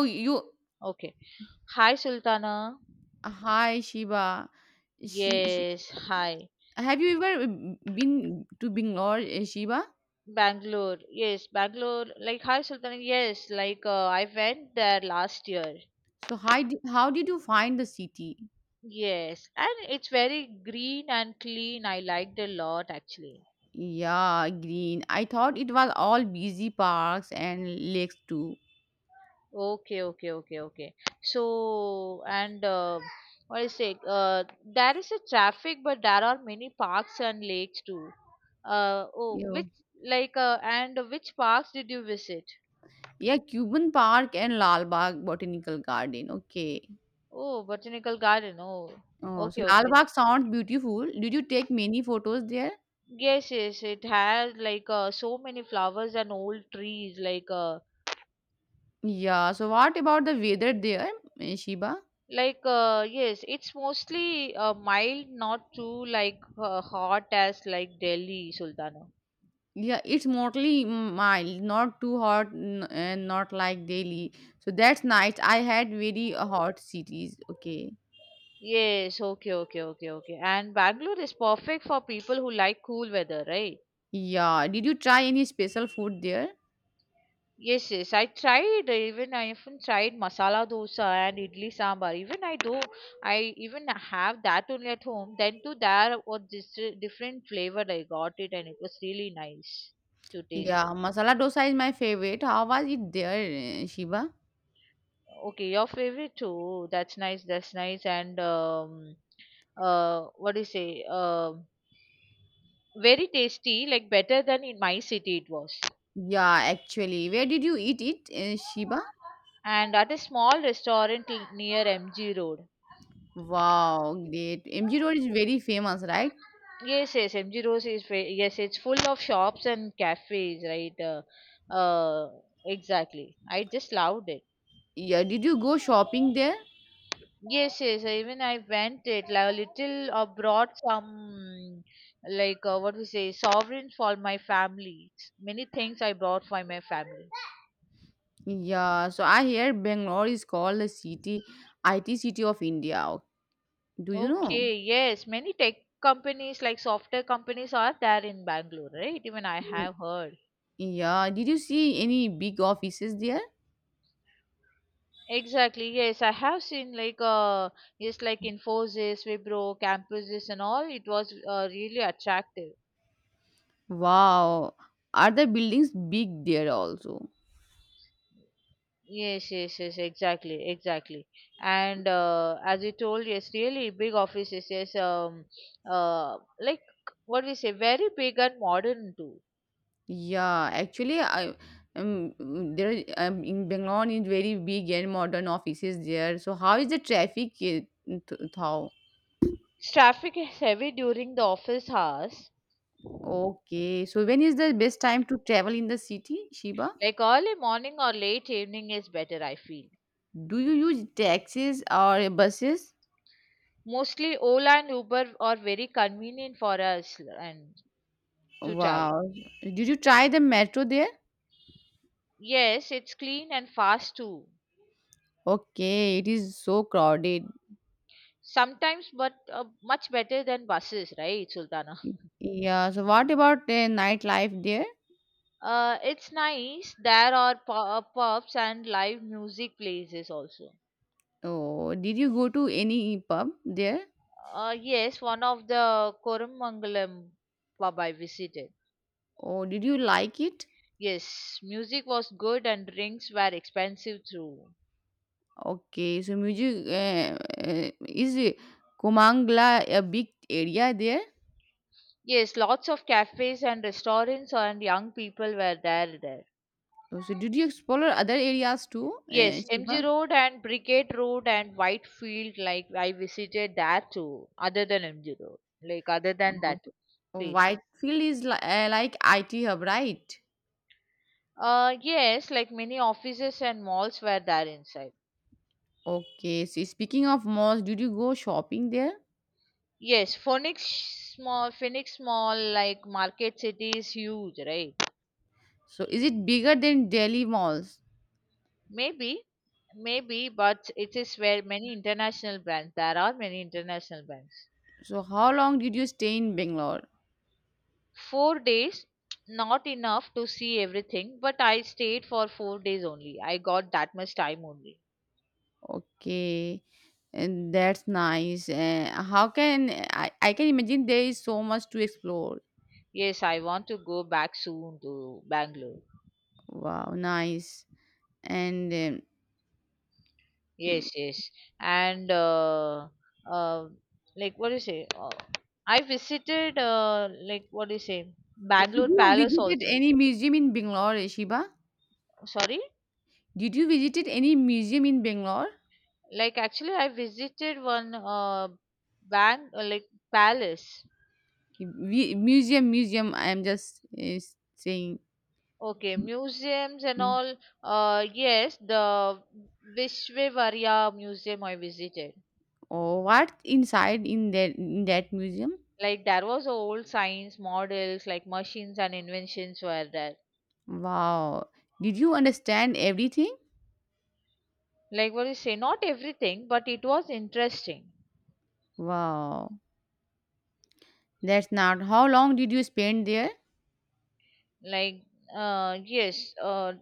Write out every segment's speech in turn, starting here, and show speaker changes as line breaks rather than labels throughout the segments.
Oh, you
Okay. Hi, Sultana.
hi Shiva. She
Yes, hi.
have you ever been to Bangalore, Shiva?
Bangalore. Yes, Bangalore. Like, hi, Sultana. Yes, like, I went there last year.
So how did you find the city?
Yes, and it's very green and clean. I liked a lot, actually.
Yeah, green. I thought it was all busy parks and lakes too.
Okay, okay, okay, okay. So, and what is it? There is a traffic, but there are many parks and lakes too. Oh,
Yeah.
like, and which parks did you visit?
Yeah, Cuban Park and Lal Bagh Botanical Garden. Okay.
Oh, botanical garden. Oh,
Oh, so
okay,
Lal
okay.
Bagh sounds beautiful. Did you take many photos there?
Yes, yes. It has like so many flowers and old trees.
Yeah. So what about the weather there, Shiva?
Yes. It's mostly mild, not too like hot as like Delhi, Sultana.
Yeah, it's mostly mild, not too hot and not like Delhi. So that's nice. I had very hot cities. Okay.
Yes. Okay, okay, okay, okay. And Bangalore is perfect for people who like cool weather, right?
Yeah. Did you try any special food there?
Yes, yes. I even tried masala dosa and idli sambar. Even I do I even have that only at home. Then to there was this different flavor I got it and it was really nice to taste it.
Yeah, masala dosa is my favorite. How was it there, Shiva?
Okay, your favorite too. That's nice. That's nice. And what do you say? Very tasty. Like better than in my city it was.
Yeah, actually. Where did you eat it, Shiva?
And at a small restaurant near MG Road.
Wow, great. MG Road is very famous, right?
Yes, yes, MG Road yes, it's full of shops and cafes, right? Uh, exactly. I just loved it.
Yeah, did you go shopping there?
Yes, yes. Even I went it like a little. Brought some like what we say sovereigns for my family. Many things I brought for my family.
Yeah, so I hear Bangalore is called the city, IT city of India. Do you know?
Okay, yes, many tech companies like software companies are there in Bangalore, right? Even I have heard.
Yeah, did you see any big offices there?
Exactly, yes, I have seen like yes like Infosys, Wipro, campuses and all. It was really attractive.
Wow, are the buildings big there also?
Yes, yes, yes, exactly, exactly. And as you told, yes, really big offices, yes, like what we say, very big and modern too.
Yeah, actually, I mm, there in Bangalore is very big and modern offices there. So how is the traffic? How?
Traffic is heavy during the office hours.
Okay, so when is the best time to travel in the city, Shiba?
Like early morning or late evening is better, I feel.
Do you use taxis or buses?
Mostly Ola and Uber are very convenient for us and to travel.
Wow, did you try the metro there?
Yes, it's clean and fast too.
Okay, it is so crowded.
Sometimes, but much better than buses, right, Sultana?
Y- Yeah. So what about the nightlife there?
It's nice. There are pubs and live music places also.
Oh, did you go to any pub there?
Yes, one of the Koramangalam pub I visited.
Oh, did you like it?
Yes, music was good and drinks were expensive too.
Okay. So music is Kumangla a big area there?
Yes, lots of cafes and restaurants and young people were there.
Oh, so did you explore other areas too,
Yes, MG
Shiva?
Road and Brigade Road and Whitefield, like I visited that too, other than MG Road, like other than that
Oh,
place.
Whitefield is like IT hub, right?
Yes, like many offices and malls were there inside.
Okay. So speaking of malls, did you go shopping there?
Yes, Phoenix Mall, like Market City is huge, right?
So is it bigger than Delhi malls?
Maybe, maybe, but it is where many international brands, there are many international brands.
So how long did you stay in Bangalore?
4 days, not enough to see everything, but I stayed for 4 days only. I got that much time only.
Okay, and that's nice. I can imagine there is so much to explore.
Yes, I want to go back soon to Bangalore.
Wow, nice. And um,
Yes,
mm,
yes, and uh, like what do you say, I visited, like what do you say,
did
Bangalore
you
Palace
visited
also.
any museum in Bangalore, Shiba?
Sorry.
Did you visited any museum in Bangalore?
Like, actually I visited one, bank, like palace.
Museum, museum. I'm just saying.
Okay, museums and
Mm.
all. Yes, the Vishvevarya Museum I visited.
Oh, what inside in that museum?
Like there was a old science models, like machines and inventions were there.
Wow. Did you understand everything?
Like what you say, not everything, but it was interesting.
Wow. That's not. How long did you spend there?
Like yes,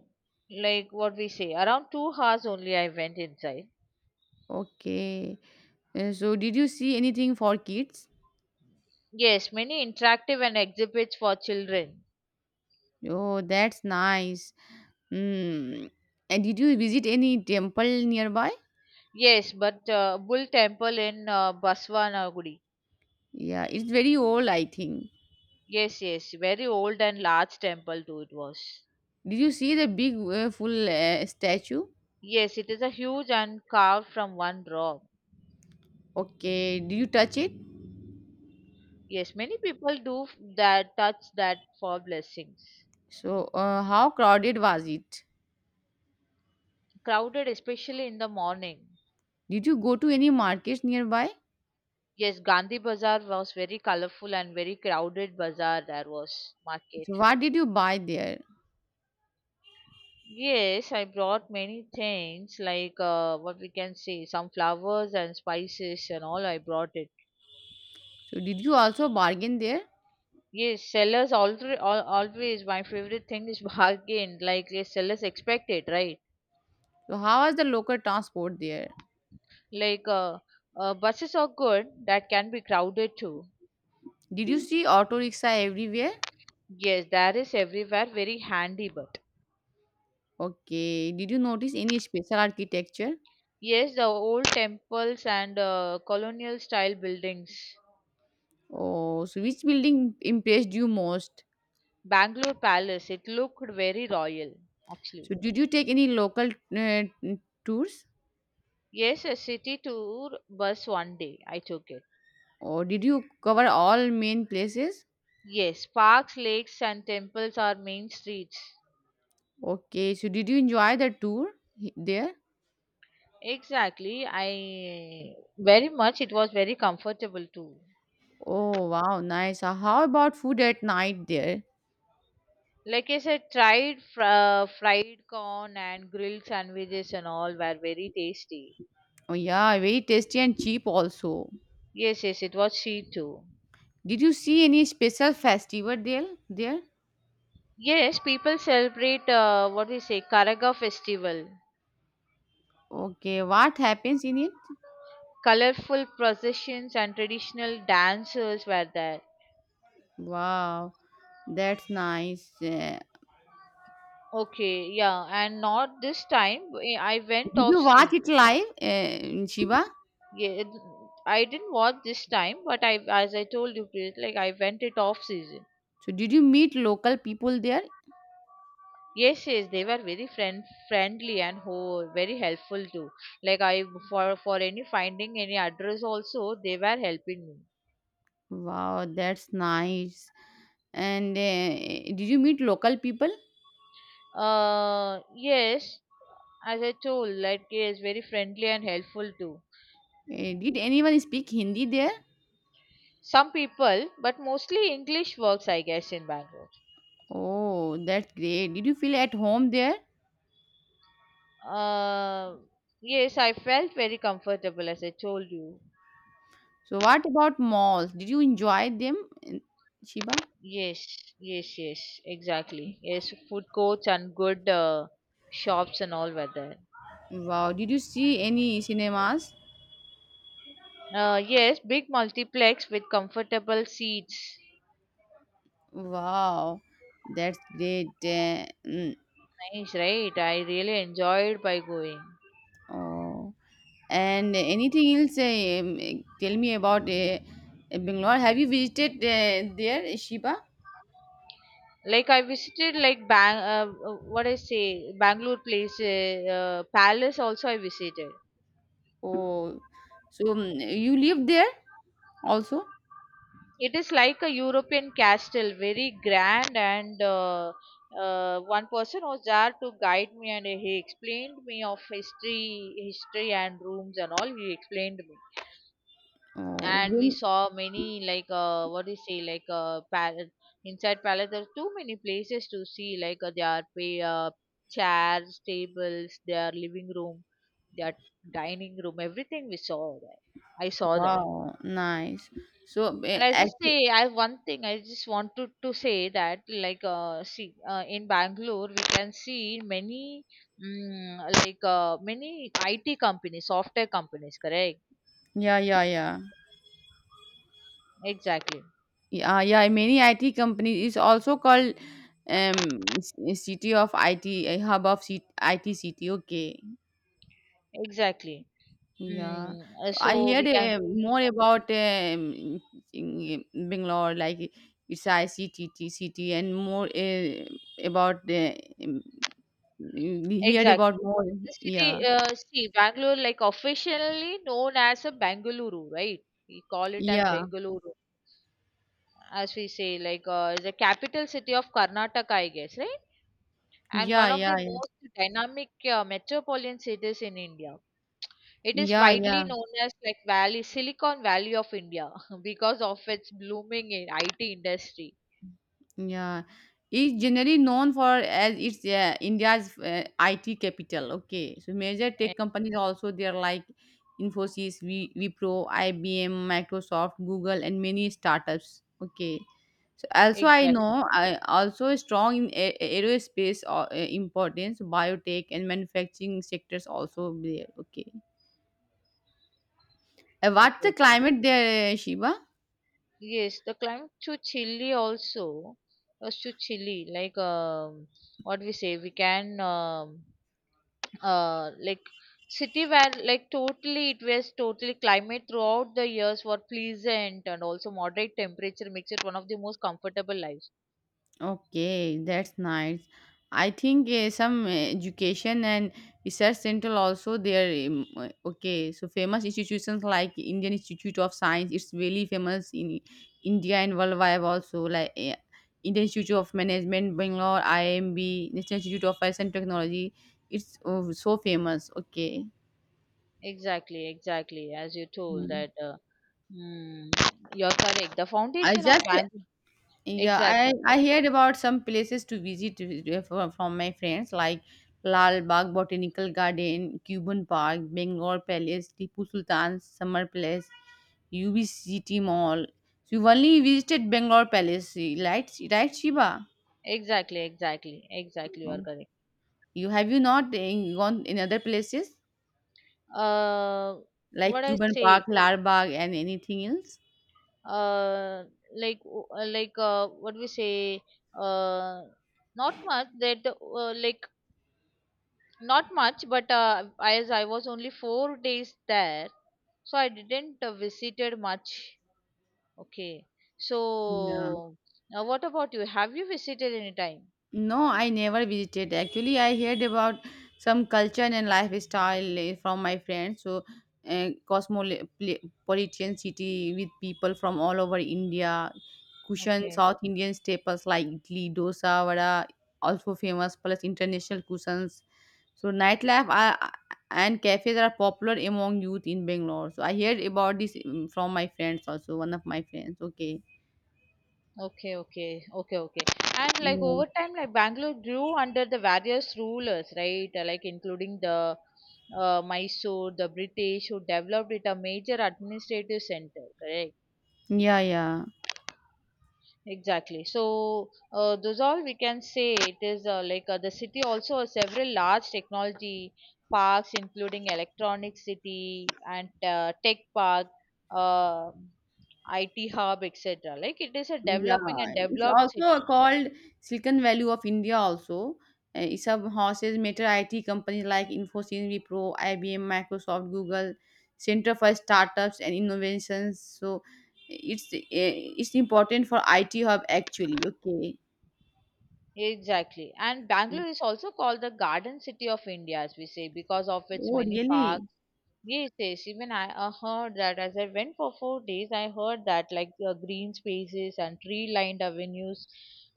like what we say, around 2 hours only I went inside.
Okay. So, did you see anything for kids?
Yes, many interactive and exhibits for children.
Oh, that's nice. Mm. And did you visit any temple nearby?
Yes, but Bull Temple in Baswanagudi.
Yeah, it's very old, I think.
Yes, yes, very old and large temple too it was.
Did you see the big full statue?
Yes, it is a huge and carved from one rock.
Okay. Did you touch it?
Yes, many people do that touch that for blessings.
So, how crowded was it?
Crowded, especially in the morning.
Did you go to any markets nearby?
Yes, Gandhi Bazaar was very colorful and very crowded bazaar there was market.
So, what did you buy there?
Yes, I brought many things like what we can say some flowers and spices and all I brought it.
So, did you also bargain there?
Yes, sellers always my favorite thing is bargain. Like yes, sellers expect it, right?
So, how was the local transport there?
Like buses are good that can be crowded too.
Did you see auto rickshaw everywhere?
Yes, that is everywhere very handy. But
Okay. Did you notice any special architecture?
yes, the old temples and colonial style buildings,
Oh, so which building impressed you most?
Bangalore Palace, it looked very royal
So
actually.
did you take any local uh, tours?
Yes, a city tour bus one day I took it.
Or did you cover all main places?
Yes, parks, lakes, and temples are main streets.
Okay. So did you enjoy the tour there?
Exactly. I very much it was very comfortable too.
Oh, wow, nice. How about food at night there?
Like I said, tried fried corn and grilled sandwiches and all were very tasty.
Oh, yeah, very tasty and cheap also.
Yes, yes, it was sweet too.
Did you see any special festival there?
Yes, people celebrate what we say Karaga festival.
Okay, what happens in it?
Colorful processions and traditional dancers were there.
Wow. That's nice.
Okay, yeah, and not this time. I went
Did
off
you watch it
season.
live, in Shiva?
Yeah, I didn't watch this time, but I, as I told you, like I went it off season.
So did you meet local people there?
Yes, yes, they were very friendly and ho very helpful too. Like I for any finding any address also, they were helping me.
Wow, that's nice. And did you meet local people?
Yes, as I told, like it's very friendly and helpful too.
Did anyone speak Hindi there?
Some people, but mostly English works, I guess, in Bangalore.
Oh, that's great. Did you feel at home there?
Uh, yes, I felt very comfortable as I told you.
So what about malls? Did you enjoy them, uh, Shiva?
Yes, yes, yes, exactly. Yes, food courts and good shops and all were there.
Wow, did you see any cinemas?
Yes, big multiplex with comfortable seats.
Wow, that's great.
Nice, right? I really enjoyed by going.
Oh. And anything else? Tell me about Bangalore. Have you visited there, Shiba?
Like I visited like what I say, Bangalore Palace also I visited.
Oh, so you live there also?
It is like a European castle, very grand, and one person was there to guide me, and he explained me of history and rooms and all. He explained me,
Oh,
and we
you-
saw many like what do you say, like palace inside palace. There are too many places to see, like there are chairs, tables, their living room, their dining room, everything we saw there. I saw there.
wow, nice. So,
And I just say, I one thing I just wanted to say that, like, see, in Bangalore, we can see many, like, many IT companies, software companies, correct?
yeah, yeah, yeah,
Exactly,
yeah, yeah. Many IT companies is also called city of IT, hub of IT city. Okay,
exactly.
yeah. So I
So we
heard
can,
more about in Bangalore, like it's ICTT city, and more about the um, heard
exactly.
about more.
The
Yeah.
city, see, Bangalore, like, officially known as a Bengaluru, right? We call it as
Yeah.
Bengaluru, as we say, like, the capital city of Karnataka, I guess, right? And
Yeah.
one of the
Yeah.
most dynamic metropolitan cities in India. It is
Yeah. Yeah.
widely
Yeah.
known as like Valley Silicon Valley of India because of its blooming in IT industry.
Yeah, it's generally known for as it's India's IT capital. Okay, so major tech companies also there like Infosys, v, Wipro, IBM, Microsoft, Google, and many startups. Okay, so also I
Exactly.
know I also strong in aerospace or importance, biotech, and manufacturing sectors also there. Okay, what's
Okay.
the
Okay.
climate there, Shiva?
Yes, the climate to Chile also was to Chile. Like what we say, we can like city where like totally it was totally climate throughout the years were pleasant and also moderate temperature makes it one of the most comfortable lives.
Okay, that's nice. I think some education and research center also there. Okay, so famous institutions like Indian Institute of Science, it's really famous in India and worldwide also. Indian Institute of Management, Bangalore, IMB, National Institute of Science and Technology. It's so famous. Okay,
Exactly, exactly. As you told
mhm.
that, mm, you're correct. The
I
foundation of
just
bank.
Yeah,
Exactly,
I heard about some places to visit from my friends like Lal Bagh Botanical Garden, Cuban Park, Bengal Palace, Tipu Sultan's Summer Palace, UB City Mall. So you only visited Bengal Palace, right, Shiva?
exactly, exactly, exactly. You are
Um,
correct.
You have you not gone in other places
Uh,
like
what I
Cuban
say,
Park, Lal Bagh, and anything else?
uh, like, like, what we say, uh, not much. That, like, not much. But as I was only 4 days there, so I didn't visited much. Okay.
Yeah.
So, now what about you? Have you visited any time?
No, I never visited. Actually, I heard about some culture and lifestyle from my friends. So, cosmopolitan city with people from all over India. Cushion
Okay.
South Indian staples like idli, dosa, vada, also famous. Plus international cushions. So, nightlife are, and cafes are popular among youth in Bangalore. So, I heard about this from my friends also. One of my friends. Okay.
Okay, okay, okay, okay. And like
Yeah.
over time, like Bangalore grew under the various rulers, right? Like including the Mysore, the British, who developed it a major administrative center, correct?
Yeah. Yeah.
Exactly. So those all we can say it is like the city also has several large technology parks, including Electronic City and Tech Park, uh, IT Hub, etc. Like it is a
Yeah,
developing and
it's
developed
also
city.
called Silicon Valley of India also. It's a houses major IT companies like Infosys, Wipro, IBM, Microsoft, Google, Center for Startups and Innovations. So it's important for IT hub actually. Okay.
Exactly. And Bangalore is also called the Garden City of India, as we say, because of its
Oh,
many parks.
really?
Yes, yes. Even I heard that as I went for 4 days, I heard that like green spaces and tree-lined avenues,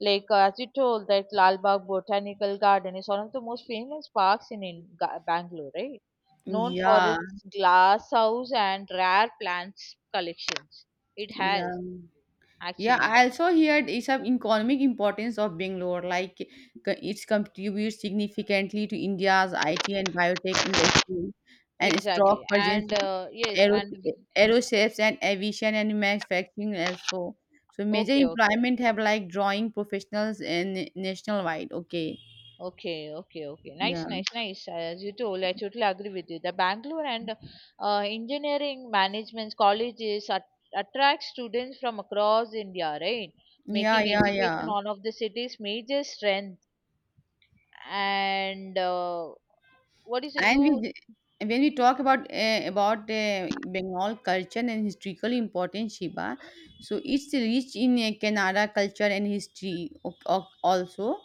like as you told that Lal Bagh Botanical Garden is one of the most famous parks in Bangalore, right? Known for
Yeah.
its glass house and rare plants collections. It
Yeah.
has
Yeah,
actually
I also heard is of economic importance of Bangalore, like it contributes significantly to India's IT and biotech industry and strong
exactly,
presence
and
in
yes,
aero,
and
aerospace and aviation and manufacturing also. So major
okay, okay.
employment have like drawing professionals and nationwide. Okay.
Okay, okay, okay. Nice,
Yeah.
nice, nice. As you told, I totally agree with you. The Bangalore and engineering management colleges attract students from across India, right?
Yeah.
Making
Yeah.
education
Yeah.
one of the city's major strength. And what is it?
And we,
Do
d- when we talk about Bengal culture and historical importance, Shiba, so it's rich in Kannada culture and history also.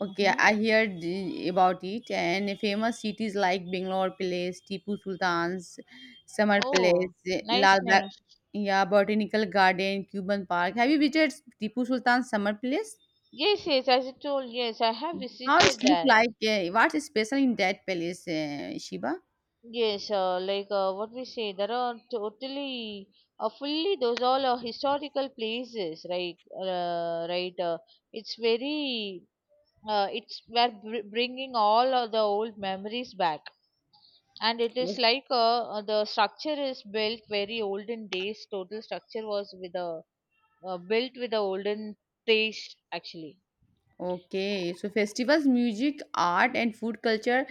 Okay,
hmm
I heard about it and famous cities like Bangalore Palace, Tipu Sultan's Summer
oh,
Palace,
nice, nice.
Yeah, Botanical Garden, Cuban Park. Have you visited Tipu Sultan's Summer Palace?
Yes, yes. As you told, yes, I have
How it's
visited
look
there.
like? What's special in that palace, Shiba?
Yes, like what we say, there are totally, fully those all are historical places, right? Right. It's very, it's we're bringing all of the old memories back, and it is like the structure is built very olden days. Total structure was with a built with a olden taste actually.
Okay, so festivals, music, art, and food culture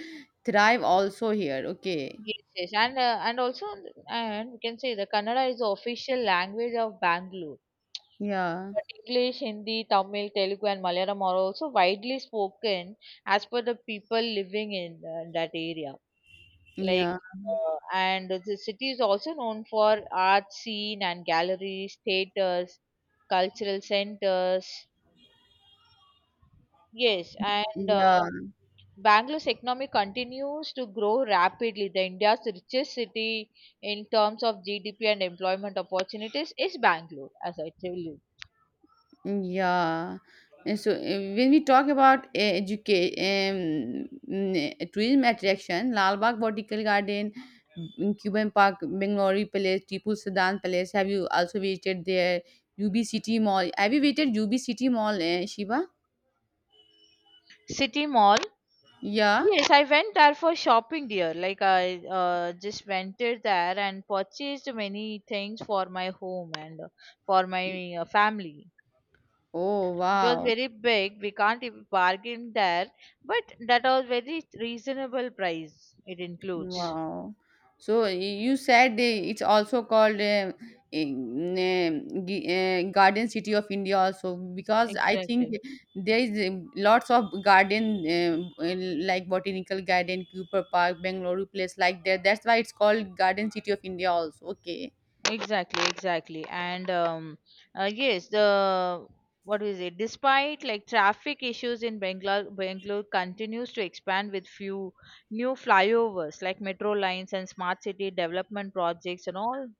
thrive also here. Okay.
Yes, yes, and also and we can say the Kannada is the official language of Bangalore.
Yeah,
But English, Hindi, Tamil, Telugu, and Malayalam are also widely spoken as per the people living in that area. Like,
yeah,
and the city is also known for art scene and galleries, theaters, cultural centers. Yes, and
yeah,
Bangalore's economy continues to grow rapidly. The India's richest city in terms of GDP and employment opportunities is Bangalore, as I tell you.
yeah. And so when we talk about tourism attraction, Lal Bagh Botanical Garden, Cuban Park, Bengaluru Palace, Tipu Sudan Palace. Have you also visited there? UB City Mall. Have you visited UB City Mall, Shiva?
City Mall.
Yeah.
Yes, I went there for shopping, dear. Like I just went it there and purchased many things for my home and for my family.
Oh
It was
wow.
very big. We can't even bargain there, but that was very reasonable price. It includes
Wow. So y- you said it's also called Garden City of India also because I think
exactly.
there is lots of garden like Botanical Garden, Cooper Park, Bengaluru place like that. That's why it's called Garden City of India also. Okay.
Exactly, exactly. And yes, the what is it? Despite like traffic issues in Bangalore, Bangalore continues to expand with few new flyovers like metro lines and smart city development projects and all.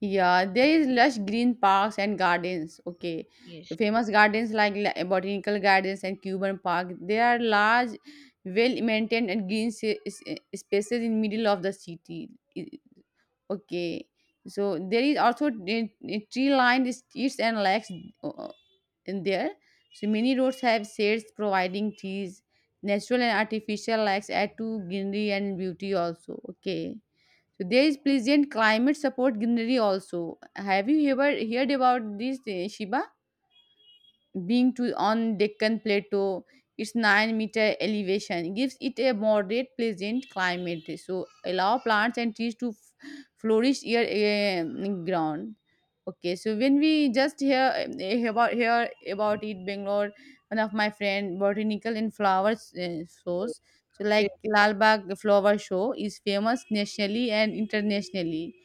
Yeah, there is lush green parks and gardens. Okay,
Yes.
so famous gardens like botanical gardens and Cuban Park. They are large, well maintained and green spaces in middle of the city. I- Okay, so there is also tree lined streets and lakes uh, in there. So many roads have shades providing trees, natural and artificial lakes add to greenery and beauty also. Okay. So there is pleasant climate support greenery also. Have you ever heard about this, Shiba? Being to on Deccan Plateau, its 9 m meter elevation gives it a moderate pleasant climate. So allow plants and trees to flourish year ground. Okay, so when we just hear, eh, about hear about it, Bangalore, one of my friend botanical and flowers shows. So
Yeah.
like Lalbagh Flower Show is famous nationally and internationally.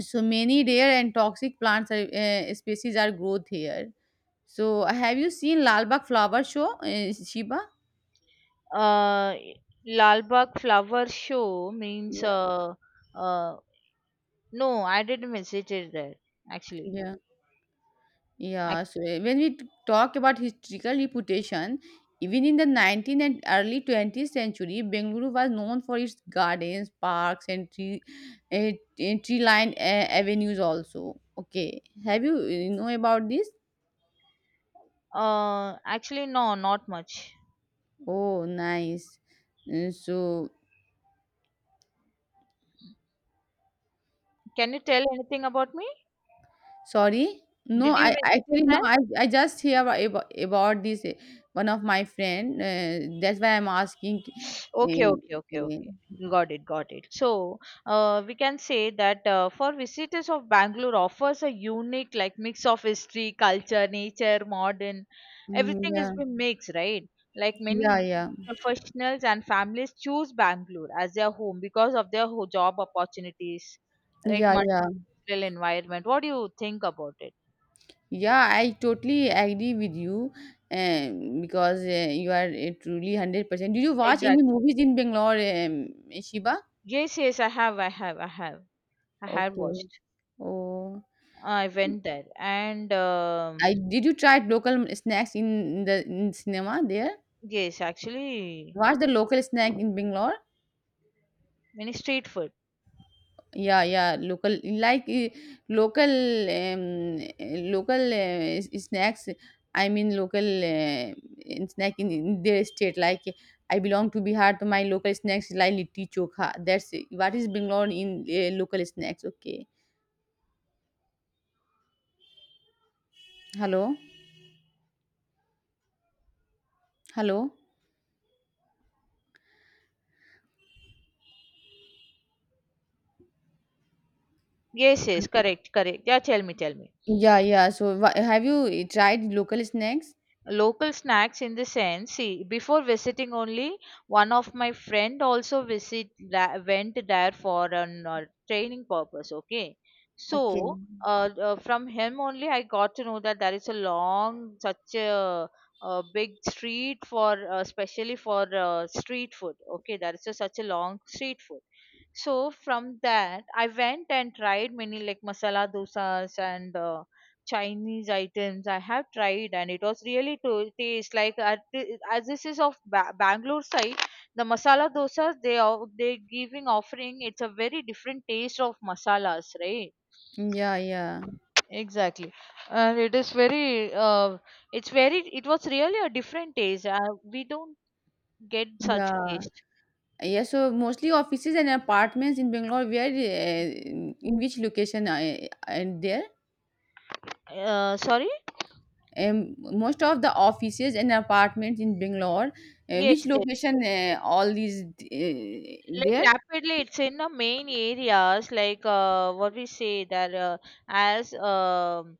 So many rare and toxic plants are, species are growth here, so, have you seen Lal Bagh flower show, Shiba?
Uh, Lal Bagh flower show means
Yeah,
uh, no, I didn't visit it there actually.
yeah, yeah.
Ac-
So, when we talk about historical reputation, even in the 19th and early 20th century, Bengaluru was known for its gardens, parks, and uh, tree-lined avenues. Also, okay. Have you know about this?
Actually, no, not much.
Oh, nice. Uh, so
Can you tell anything about me?
Sorry? No,
Did you
I
visit
actually
it
no.
there?
I just hear about this one of my friend. That's why I'm asking. Uh,
Okay, okay, okay,
uh,
okay. Got it, got it. So, we can say that for visitors of Bangalore offers a unique like mix of history, culture, nature, modern. Everything
Yeah,
has been mixed, right? Like many
yeah, yeah,
professionals and families choose Bangalore as their home because of their job opportunities, right?
yeah, yeah,
Multicultural environment. What do you think about it?
yeah. I totally agree with you, because you are truly 100%. Did you watch any
Exactly.
movies in Bangalore, Shiba?
Yes, yes, I have
Okay.
watched.
Oh,
I went there and.
I did you try local snacks in the in cinema there?
Yes, actually,
What's the local snack in Bangalore?
many street food.
Yeah, yeah, local like local snacks. I mean local snack in their state. Like I belong to Bihar, so my local snacks is like litti chokha. That's what is Bangalore in local snacks. Okay. Hello, hello.
Yes, yes, correct, correct. Yeah, tell me, tell me.
Yeah, yeah. So have you tried local snacks?
Local snacks in the sense, see, before visiting only, one of my friend also visit that went there for an training purpose. Okay,
Okay.
so from him only I got to know that there is a long, a big street for, especially for street food. Okay, there is a, such a long street food. So from that, I went and tried many like masala dosas and Chinese items. I have tried, and it was really to taste like as this is of Bangalore side, the masala dosas they are they giving offering. It's a very different taste of masalas, right?
Yeah, yeah,
Exactly, and it is very it's very it was really a different taste. We don't get such
yeah.
taste.
Yes, so mostly offices and apartments in Bangalore where in which location and there
Sorry.
most of the offices and apartments in Bangalore which
Yes, yes.
location all these
Like
there,
rapidly it's in the main areas like what we say that as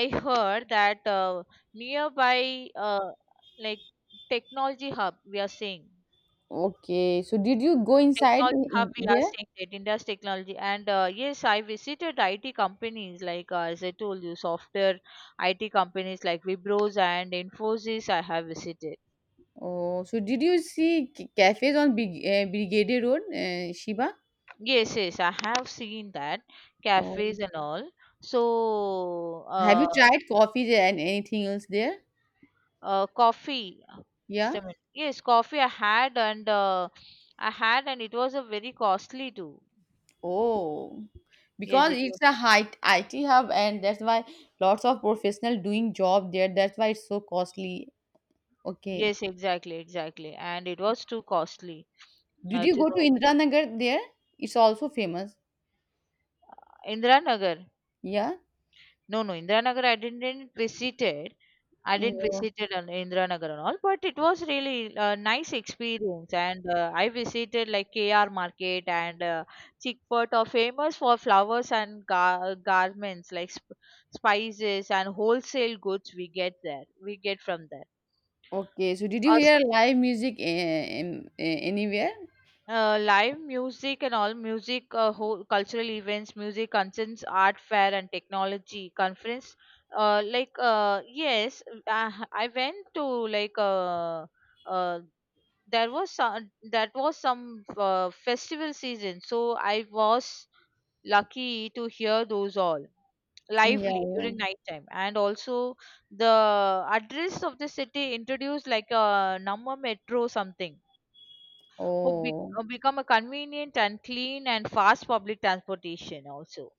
I heard that nearby like technology hub we are seeing
okay, so did you go inside
technology hub we are
there?
seeing that India's technology and yes, I visited IT companies like as I told you, software IT companies like Vibros and Infosys I have visited.
Oh, so did you see cafes on Big Brigade Road, Shiva?
Yes, yes, I have seen that cafes
Oh,
and all. So
have
uh,
you tried coffee there and anything else there?
coffee. Just
Yeah.
a minute. Yes, coffee I had and it was a very costly too.
Oh,
Yes,
because
it
it's
was.
a high IT hub, and that's why lots of professional doing job there. That's why it's so costly. Okay.
Yes, exactly, exactly. And it was too costly
Did you
to
go to
know.
Indiranagar there? It's also famous.
Indira Nagar.
Yeah.
No, no, Indiranagar I didn't visited. I didn't
Oh,
visited on Indiranagar and all, but it was really a nice experience. And I visited like KR Market and Chickpet are famous for flowers and garments like spices and wholesale goods we get there. We get from there.
okay. So did you hear live music anywhere?
Live music and all music whole cultural events, music concerts, art fair and technology conference, yes, I went to like uh, uh, there was some, that was some festival season, so I was lucky to hear those all
Yeah.
lively
Yeah.
during nighttime and also the address of the city introduced like a number metro something who
Oh.
become a convenient and clean and fast public transportation also.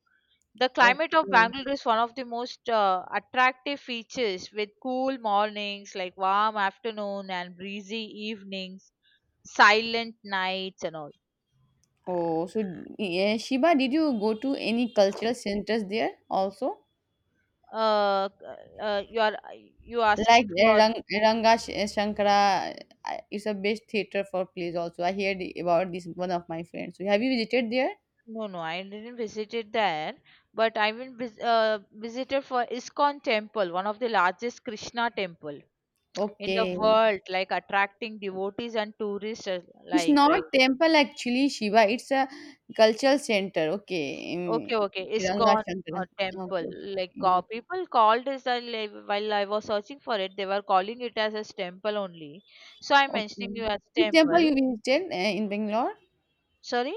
The climate of
Okay.
Bangalore is one of the most attractive features with cool mornings, like warm afternoon and breezy evenings, silent nights and all.
Oh. So yeah, Shiba, did you go to any cultural centers there also?
Uh, you are you
Like
asking for
Shankara is a best theater for plays also. I heard about this one of my friends. So, have you visited there?
no, no, I didn't visited there, but I went visited for ISKCON temple, one of the largest Krishna temple in the
Okay.
world, like attracting devotees and tourists
It's
alike,
not
right?
temple actually, Shiva. It's a cultural center. Okay.
Okay, okay.
Ranga
ISKCON
Shankara. Okay.
temple,
Okay.
like
Yeah.
people called it as like, while I was searching for it, they were calling it as a temple only. So I'm
Okay.
mentioning you as
Which temple
temple.
you visited in Bangalore?
Sorry,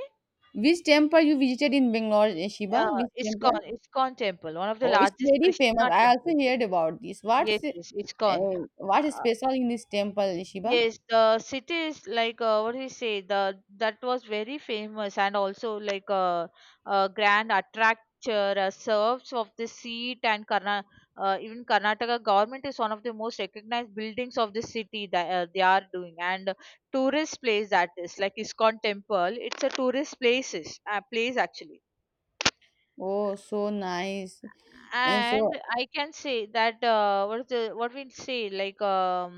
Which temple you visited in Bangalore, Shiva? Which
ISKCON,
temple?
ISKCON temple, one of the
Oh, it's
largest
very famous.
Krishna
I also
temples.
heard about this.
Yes, yes, ISKCON.
What is special in this temple, Shiva?
Yes, the city is like what do you say? The that was very famous and also like a grand attractor serves of the seat and Karna even Karnataka government is one of the most recognized buildings of the city that they are doing and tourist place, that is like Iskon temple. It's a tourist place actually,
Oh, so nice. And
and
so,
I can say that what is the, what we say like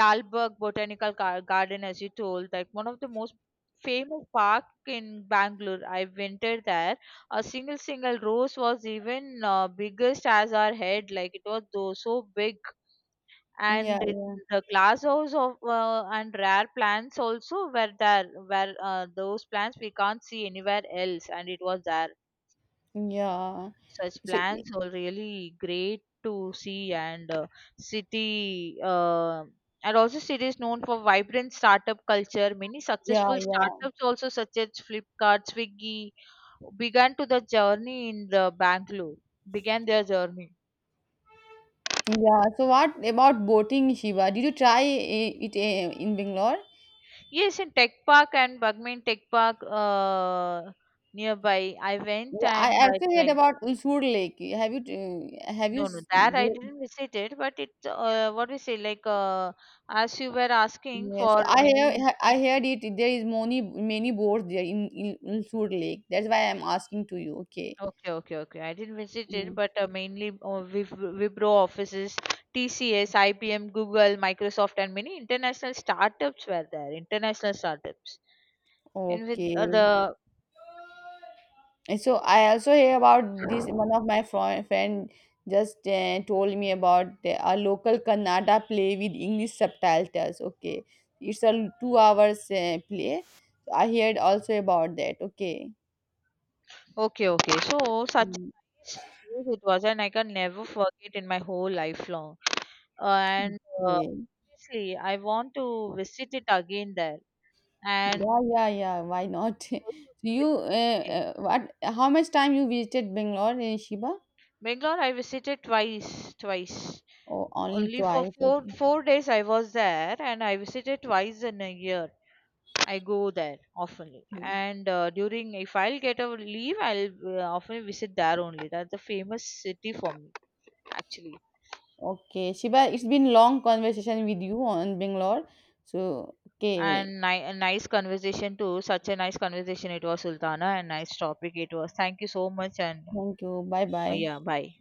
Lalbagh botanical garden, as you told, like one of the most famous park in Bangalore. I wintered there. A single single rose was even biggest as our head, like it was though so big,
yeah,
and it, the glass house of and rare plants also were there, where those plants we can't see anywhere else, and it was there.
yeah.
Such
So,
plans are really great to see, and city and also city is known for vibrant startup culture. Many
yeah,
successful
yeah,
startups also such as Flipkart, Swiggy began to the journey in the Bangalore, began their journey.
yeah. So, what about boating, Shiva? Did you try it in Bangalore?
Yes, in tech park and Bagmain tech park, nearby I went
Yeah, I
and I
also heard
tried.
about Ulsur Lake. Have you have you?
No, no, that I didn't visit it, but it what we say like as you were asking
Yeah,
for
so
many.
I heard it. There is many many boats there in Ulsur Lake. That's why I'm asking to you. Okay.
Okay, okay, okay. I didn't visit it,
Mm.
but mainly Wipro offices, TCS, IBM, Google, Microsoft, and many international startups were there. International startups. And with
Okay.
the
And so I also hear about this. One of my friend just told me about a local Kannada play with English subtitles. Okay, it's a 2 hours play. So, I heard also about that. Okay.
okay, okay. So such a
Mm,
nice place it was, and I can never forget in my whole lifelong. And uh,
okay.
obviously, I want to visit it again there, and
Yeah, yeah, yeah. Why not?
also
So you,
visit again.
what? How much time you visited Bangalore, Shiba?
Bangalore, I visited twice, twice.
Oh, only
Only for
twice.
four
Okay.
four days I was there, and I visited twice in a year. I go there oftenly,
Hmm.
and during if I'll get a leave, I'll often visit there only. That's the famous city for me actually.
Okay, Shiba. It's been long conversation with you on Bangalore. So okay,
And a nice conversation too. Such a nice conversation it was, Sultana, and nice topic it was. Thank you so much, and
thank you. Bye bye.
yeah, bye.